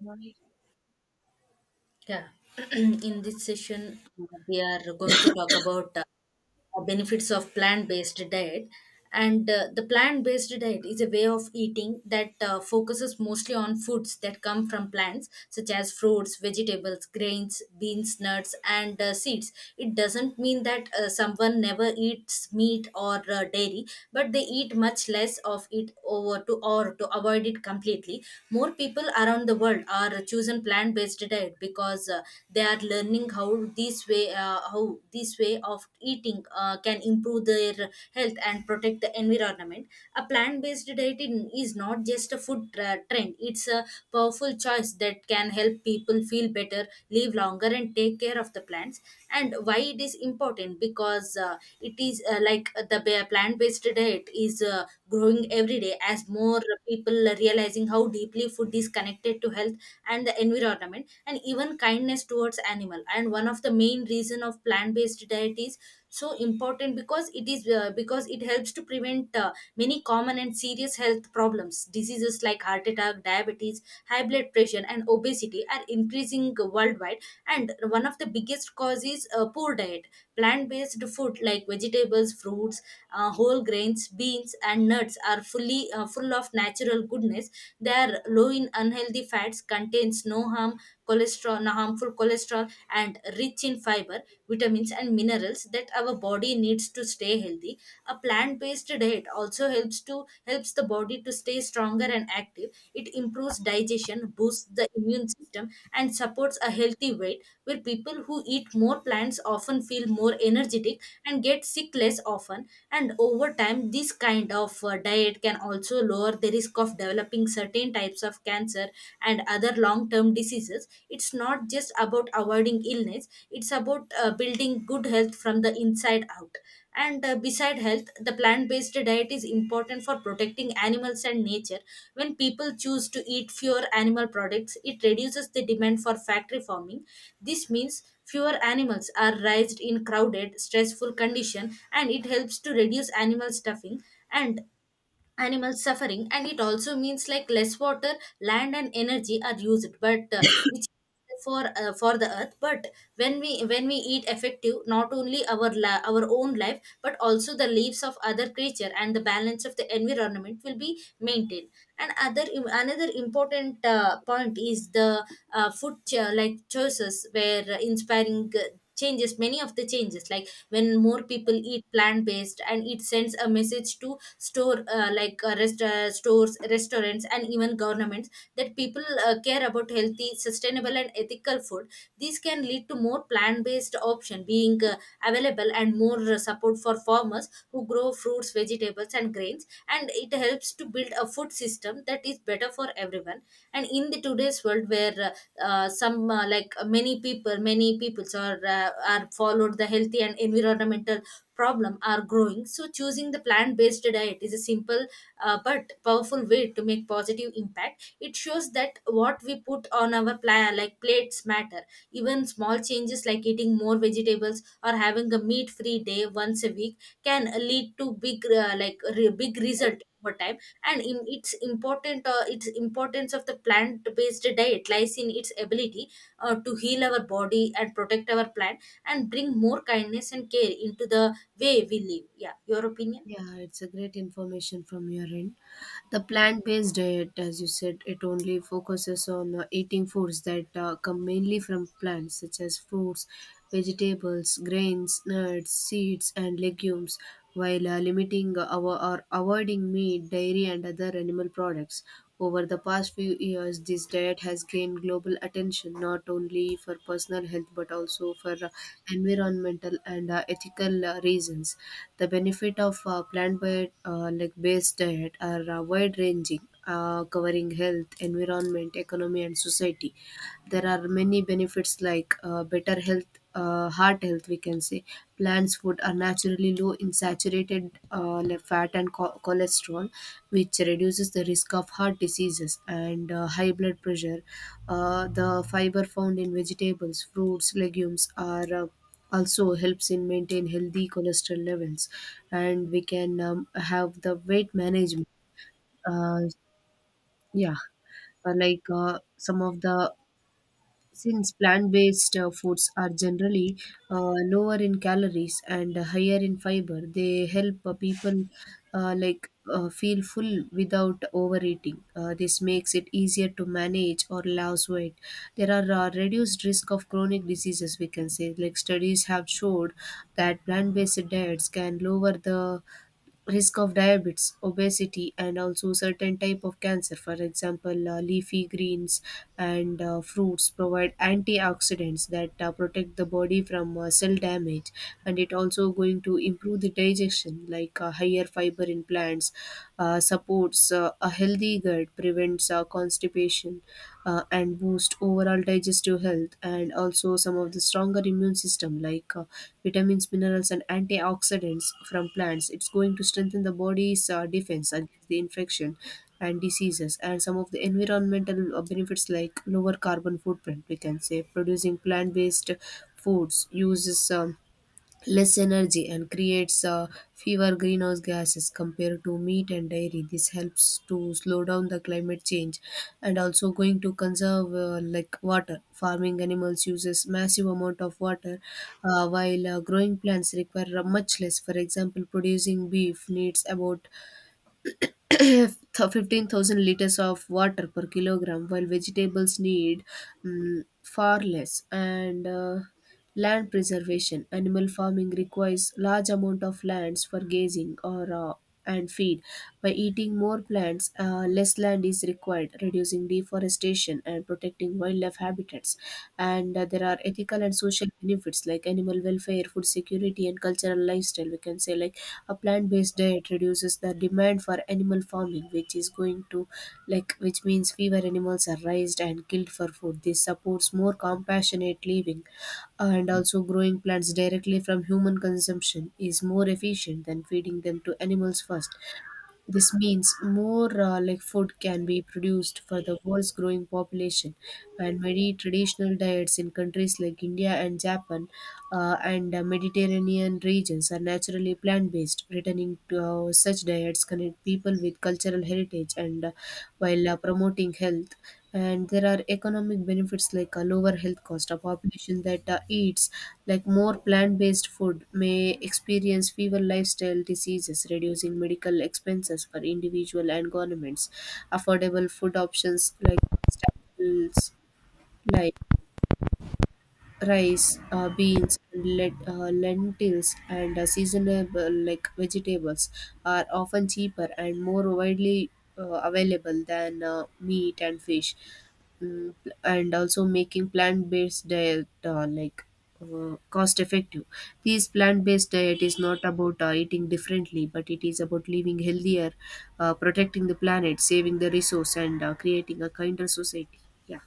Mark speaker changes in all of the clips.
Speaker 1: Right.
Speaker 2: Yeah, in this session, we are going to talk about benefits of plant-based diet and the plant-based diet is a way of eating that focuses mostly on foods that come from plants such as fruits, vegetables, grains, beans, nuts, and seeds. It doesn't mean that someone never eats meat or dairy, but they eat much less of it over to or to avoid it completely. More people around the world are choosing plant-based diet because they are learning how this way way how this way of eating can improve their health and protect the environment. A plant-based diet is not just a food tra- trend, it's a powerful choice that can help people feel better, live longer, and take care of the plants. And why it is important, because it is plant-based diet is growing every day as more people are realizing how deeply food is connected to health and the environment and even and kindness towards animal. And one of the main reason of plant-based diet is so important because it is because it helps to prevent many common and serious health problems. Diseases like heart attack, diabetes, high blood pressure, and obesity are increasing worldwide, and one of the biggest cause is poor diet. Plant-based food like vegetables, fruits, whole grains, beans, and nuts are full of natural goodness. They are low in unhealthy fats, contains no harm cholesterol, na harmful cholesterol, and rich in fiber, vitamins, and minerals that our body needs to stay healthy. A plant-based diet also helps the body to stay stronger and active. It improves digestion, boosts the immune system, and supports a healthy weight, where people who eat more plants often feel more energetic and get sick less often. And over time, this kind of diet can also lower the risk of developing certain types of cancer and other long term diseases. It's not just about avoiding illness, it's about building good health from the inside out. And beside health, the plant based diet is important for protecting animals and nature. When people choose to eat fewer animal products, it reduces the demand for factory farming. This means fewer animals are raised in crowded stressful condition, and it helps to reduce animal stuffing and animal suffering. And it also means like less water, land, and energy are used, but which is for the earth. But when we eat effective, not only our our own life but also the lives of other creature, and the balance of the environment will be maintained. And other another important point is the like choices where inspiring changes. Many of the changes, like when more people eat plant based, and it sends a message to stores, restaurants, and even governments that people care about healthy, sustainable, and ethical food. These can lead to more plant based option being available, and more support for farmers who grow fruits, vegetables, and grains, and it helps to build a food system that is better for everyone. And in the today's world where some like many people many peoples are followed the healthy and environmental problem are growing, so choosing the plant based diet is a simple but powerful way to make positive impact. It shows that what we put on our like plates matter. Even small changes like eating more vegetables or having a meat free day once a week can lead to big result over time. And in its important its importance of the plant based diet lies in its ability to heal our body and protect our plant and bring more kindness and care into the way we live. Yeah, your opinion?
Speaker 1: Yeah, it's a great information from your end. The plant-based diet, as you said, it only focuses on eating foods that come mainly from plants, such as fruits, vegetables, grains, nuts, seeds, and legumes, while limiting our or avoiding meat, dairy, and other animal products. Over the past few years, this diet has gained global attention not only for personal health but also for environmental and ethical reasons. The benefit of plant-based like based diet are wide-ranging, covering health, environment, economy, and society. There are many benefits like better health, heart health, we can say. Plants' food are naturally low in saturated fat and cholesterol, which reduces the risk of heart diseases and high blood pressure. The fiber found in vegetables, fruits, legumes are also helps in maintain healthy cholesterol levels, and we can have the weight management. Uh, yeah, like some of the Since plant-based foods are generally uh, lower in calories and higher in fiber, they help people feel full without overeating. This makes it easier to manage or lose weight. There are reduced risk of chronic diseases. We can say like studies have showed that plant-based diets can lower the risk of diabetes, obesity, and also certain type of cancer. For example, leafy greens and fruits provide antioxidants that protect the body from cell damage, and it also going to improve the digestion, like higher fiber in plants, supports a healthy gut, prevents constipation, and boost overall digestive health, and also some of the stronger immune system, like vitamins, minerals, and antioxidants from plants. It's going to strengthen the body's defense against the infection and diseases. And some of the environmental benefits, like lower carbon footprint, we can say, producing plant-based foods uses less energy and creates fewer greenhouse gases compared to meat and dairy. This helps to slow down the climate change and also going to conserve like water. Farming animals uses massive amount of water, while growing plants require much less. For example, producing beef needs about 15,000 liters of water per kilogram, while vegetables need, far less. And land preservation, animal farming requires large amount of lands for grazing or and feed. By eating more plants, less land is required, reducing deforestation and protecting wildlife habitats. And there are ethical and social benefits like animal welfare, food security, and cultural lifestyle. We can say, like a plant-based diet reduces the demand for animal farming, which is going to which means fewer animals are raised and killed for food. This supports more compassionate living. And also growing plants directly from human consumption is more efficient than feeding them to animals first. This means more food can be produced for the world's growing population, and many traditional diets in countries like India and Japan and Mediterranean regions are naturally plant-based. Returning to such diets connect people with cultural heritage and, while promoting health. And there are economic benefits, like a lower health cost. A population that eats like more plant-based food may experience fewer lifestyle diseases, reducing medical expenses for individual and governments. Affordable food options like staples like rice, beans, and lentils, and seasonable like vegetables are often cheaper and more widely available than meat and fish. And also making plant-based diet cost effective. This plant-based diet is not about eating differently, but it is about living healthier, protecting the planet, saving the resource, and creating a kinder society. Yeah.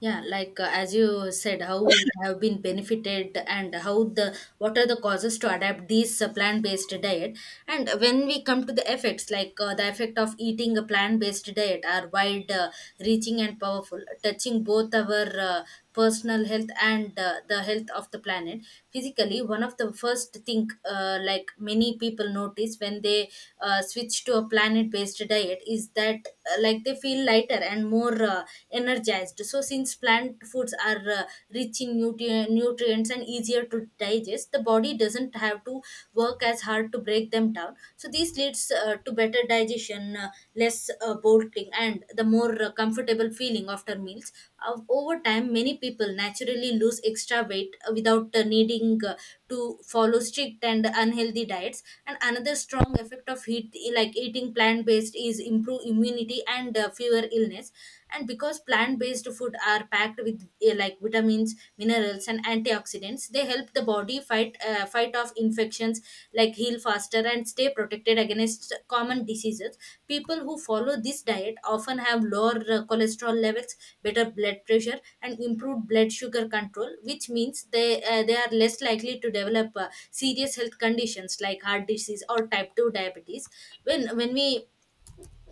Speaker 2: Yeah, like as you said, how it have been benefited and how the what are the causes to adapt these plant-based diet. And when we come to the effects, like the effect of eating a plant-based diet are wide reaching and powerful, touching both our personal health and the health of the planet. Physically, one of the first thing, like many people notice when they switch to a planet based diet is that like they feel lighter and more energized. So since plant foods are rich in nutrients and easier to digest, the body doesn't have to work as hard to break them down, so this leads to better digestion, less bolting, and the more comfortable feeling after meals. Over time, many people naturally lose extra weight without needing to follow strict and unhealthy diets. And another strong effect of heat like eating plant based is improve immunity and fewer illness. And because plant-based food are packed with like vitamins, minerals, and antioxidants, they help the body fight off infections, like heal faster and stay protected against common diseases. People who follow this diet often have lower cholesterol levels, better blood pressure, and improved blood sugar control, which means they are less likely to develop serious health conditions like heart disease or type 2 diabetes. When we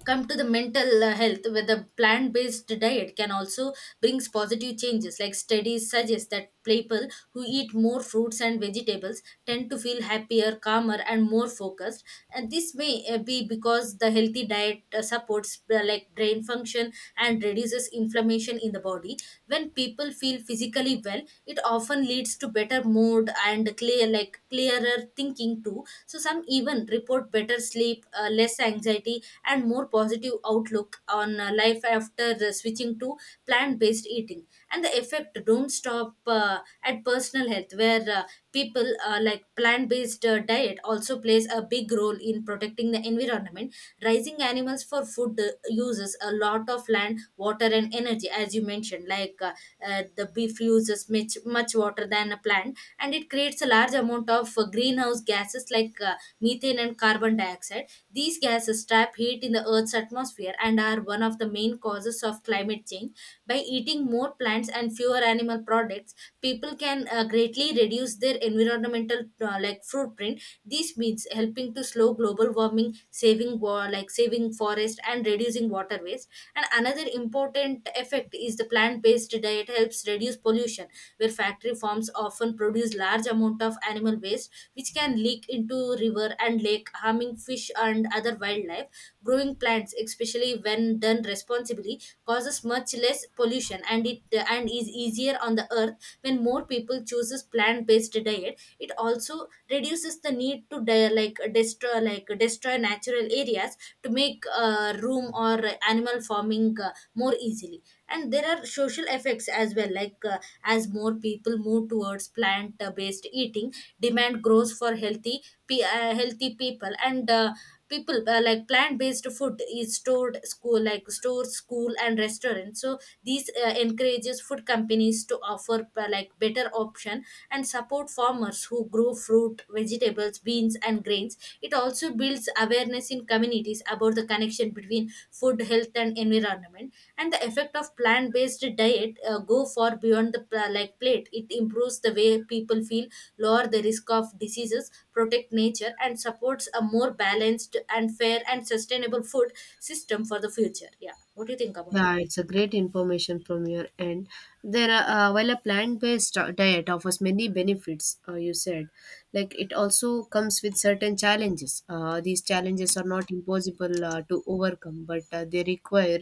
Speaker 2: come to the mental health with a plant-based diet can also brings positive changes, like studies suggest that people who eat more fruits and vegetables tend to feel happier, calmer, and more focused. And this may be because the healthy diet supports like brain function and reduces inflammation in the body. When people feel physically well, it often leads to better mood and clear like clearer thinking too. So some even report better sleep, less anxiety, and more positive outlook on life after switching to plant-based eating. And the effect don't stop at personal health, where people like plant-based diet also plays a big role in protecting the environment. Raising animals for food uses a lot of land, water, and energy. As you mentioned, like the beef uses much water than a plant, and it creates a large amount of greenhouse gases like methane and carbon dioxide. These gases trap heat in the Earth's atmosphere and are one of the main causes of climate change. By eating more plants and fewer animal products, people can greatly reduce their environmental like footprint. This means helping to slow global warming, saving like saving forest and reducing water waste. And another important effect is the plant-based diet helps reduce pollution, where factory farms often produce large amount of animal waste, which can leak into river and lake, harming fish and other wildlife. Growing plants, especially when done responsibly, causes much less pollution, and it and is easier on the earth. When more people chooses plant based diet, it also reduces the need to destroy natural areas to make room or animal farming more easily. And there are social effects as well, like as more people move towards plant-based eating, demand grows for healthy healthy people and people like plant-based food is stored school like stores, school, and restaurants. So these encourages food companies to offer like better option and support farmers who grow fruit, vegetables, beans, and grains. It also builds awareness in communities about the connection between food, health, and environment. And the effect of plant-based diet go far beyond the like plate. It improves the way people feel, lower the risk of diseases, protect nature, and supports a more balanced and fair and sustainable food system for the future. Yeah, what do you think about
Speaker 1: Yeah,
Speaker 2: that?
Speaker 1: it's a great information from your end. There are, while a plant-based diet offers many benefits, you said, like it also comes with certain challenges. These challenges are not impossible to overcome, but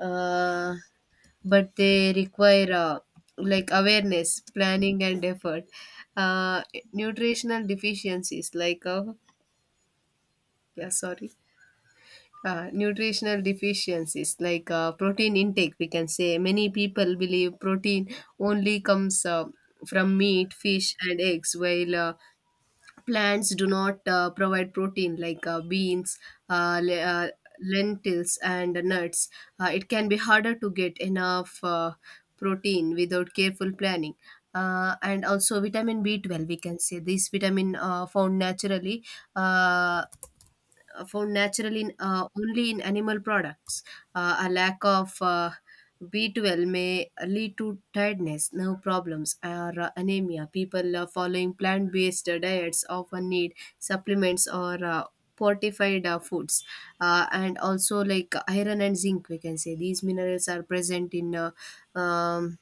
Speaker 1: uh, they require like awareness, planning, and effort. Uh, Nutritional deficiencies, like yeah, sorry, nutritional deficiencies like protein intake, we can say many people believe protein only comes from meat, fish, and eggs, while plants do not provide protein like beans, uh, le- uh, lentils, and nuts. It can be harder to get enough protein without careful planning. And also vitamin B12, we can say, this vitamin uh, found naturally in, only in animal products. A lack of B12 may lead to tiredness, nerve problems, or anemia. People following plant based diets often need supplements or fortified foods. And also like iron and zinc, we can say these minerals are present in um,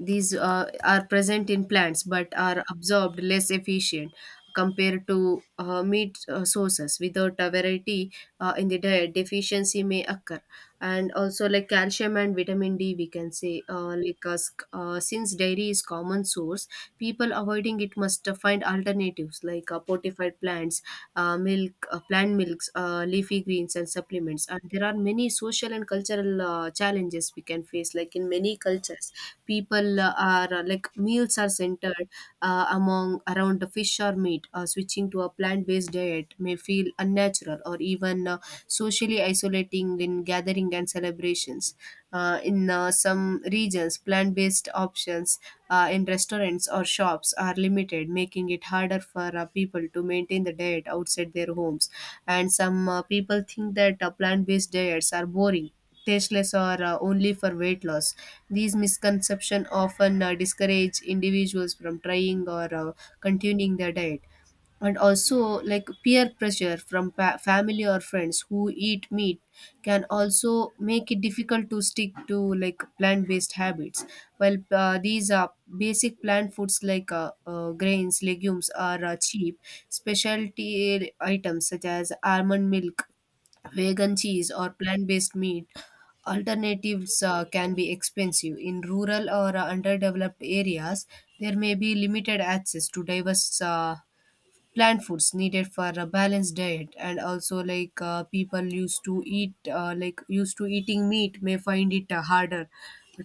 Speaker 1: these are present in plants but are absorbed less efficient compared to meat sources. Without a variety in the diet, deficiency may occur. And also, like calcium and vitamin D, we can say, since dairy is common source, people avoiding it must find alternatives like fortified plants, milk, plant milks, leafy greens, and supplements. And there are many social and cultural challenges we can face, like in many cultures people are like meals are centered among around the fish or meat. Uh, switching to a plant-based diet may feel unnatural or even socially isolating in gathering and celebrations. Uh, in some regions plant-based options in restaurants or shops are limited, making it harder for people to maintain the diet outside their homes. And some people think that plant-based diets are boring, tasteless, or only for weight loss. These misconceptions often discourage individuals from trying or continuing their diet. And also, like peer pressure from family or friends who eat meat can also make it difficult to stick to plant-based habits. While these are basic plant foods like grains, legumes are cheap, specialty items such as almond milk, vegan cheese, or plant based meat alternatives can be expensive. In rural or underdeveloped areas, there may be limited access to diverse plant foods needed for a balanced diet. And also like people used to eat used to eating meat may find it harder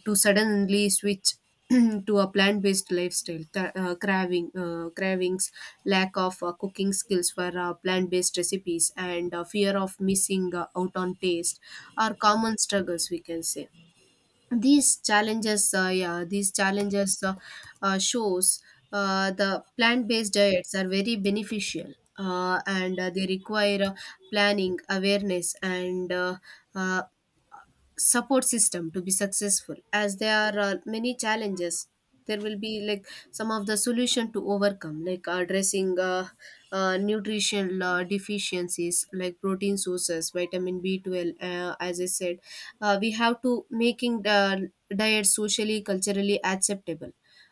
Speaker 1: to suddenly switch to a plant-based lifestyle. Cravings, lack of cooking skills for plant-based recipes, and fear of missing out on taste are common struggles, we can say. These challenges shows the plant-based diets are very beneficial, and they require planning, awareness, and uh, support system to be successful. As there are many challenges, there will be some of the solution to overcome, like addressing nutritional deficiencies like protein sources, vitamin B12, as I said. We have to making the diet socially culturally acceptable.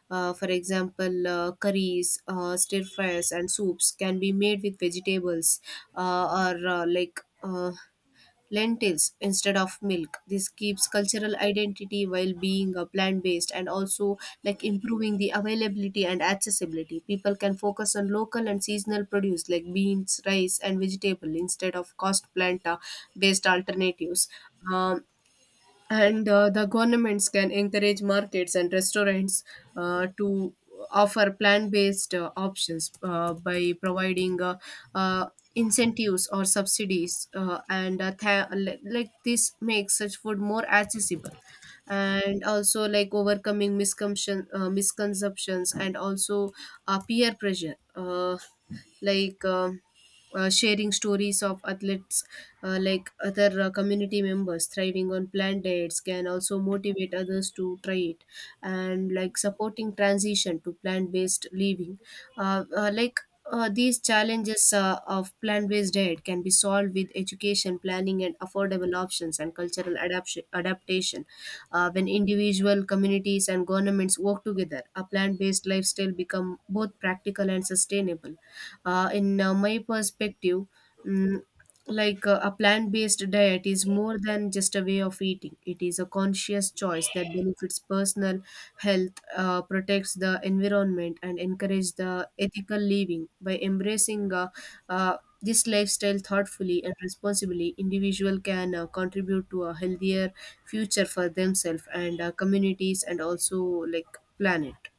Speaker 1: Uh, for example, curries, stir fries, and soups can be made with vegetables or like lentils instead of milk. This keeps cultural identity while being a plant based. And also like improving the availability and accessibility. People can focus on local and seasonal produce like beans, rice, and vegetable instead of cost plant based alternatives. Um, and the governments can encourage markets and restaurants to offer plant-based options by providing uh, incentives or subsidies, and tha- like this makes such food more accessible. And also like overcoming misconceptions, and also peer pressure, like um sharing stories of athletes like other community members thriving on planned diets can also motivate others to try it, and like supporting transition to plant-based living. uh, uh, like these challenges of plant-based diet can be solved with education, planning, and affordable options, and cultural adaptation. When individual, communities, and governments work together, a plant-based lifestyle become both practical and sustainable. In my perspective, mm, a plant-based diet is more than just a way of eating. It is a conscious choice that benefits personal health, protects the environment, and encourages the ethical living. By embracing this lifestyle thoughtfully and responsibly, individual can contribute to a healthier future for themselves and communities, and also like planet.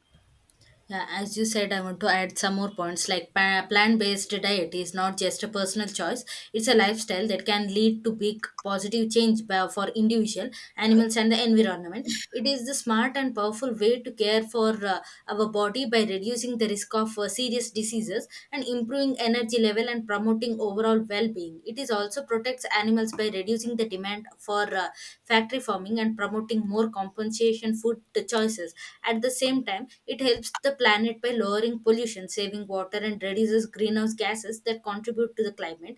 Speaker 2: Yeah, as you said, I want to add some more points. Like plant-based diet is not just a personal choice; it's a lifestyle that can lead to big positive change by, for individual, animals, and the environment. It is the smart and powerful way to care for uh, our body by reducing the risk of serious diseases and improving energy level and promoting overall well-being. It is also protects animals by reducing the demand for factory farming and promoting more compensation food choices. At the same time, it helps the planet by lowering pollution, saving water, and reduces greenhouse gases that contribute to the climate.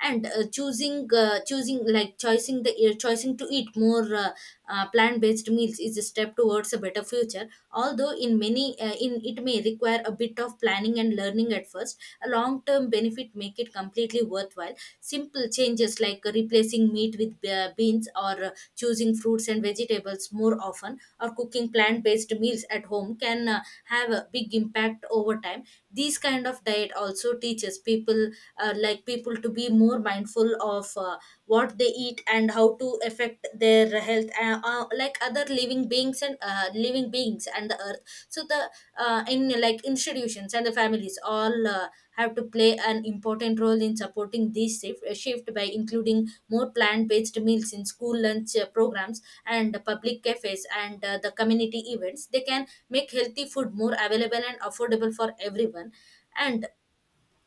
Speaker 2: And choosing, choosing like choosing the choosing to eat more plant-based meals is a step towards a better future. Although in many in it may require a bit of planning and learning at first, a long term benefit make it completely worthwhile. Simple changes like replacing meat with beans, or choosing fruits and vegetables more often, or cooking plant based meals at home can have a big impact over time. These kind of diet also teaches people to be more mindful of what they eat and how to affect their health like other living beings and the earth. So the in like institutions and the families all have to play an important role in supporting this shift by including more plant-based meals in school lunch programs and public cafes and the community events. They can make healthy food more available and affordable for everyone. And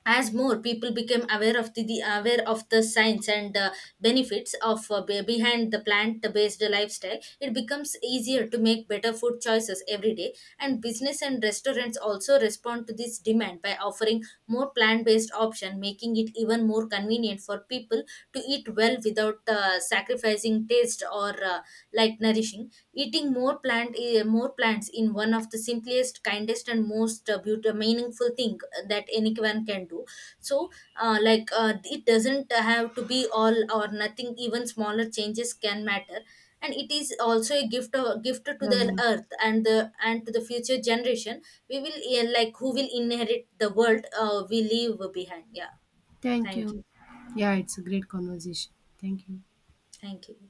Speaker 2: as more people became aware of the aware of the science and benefits of behind the plant based lifestyle, it becomes easier to make better food choices every day. And business and restaurants also respond to this demand by offering more plant based option, making it even more convenient for people to eat well without sacrificing taste or like nourishing. Eating more plants in one of the simplest, kindest, and most beautiful, meaningful things that anyone can do. So it doesn't have to be all or nothing, even smaller changes can matter. And it is also a gift to
Speaker 1: Yeah.
Speaker 2: the earth and the and to the future generation. We will, yeah, like who will inherit the world we leave behind. Yeah,
Speaker 1: Thank
Speaker 2: thank you.
Speaker 1: you. Yeah, it's a great conversation. Thank you.
Speaker 2: Thank you.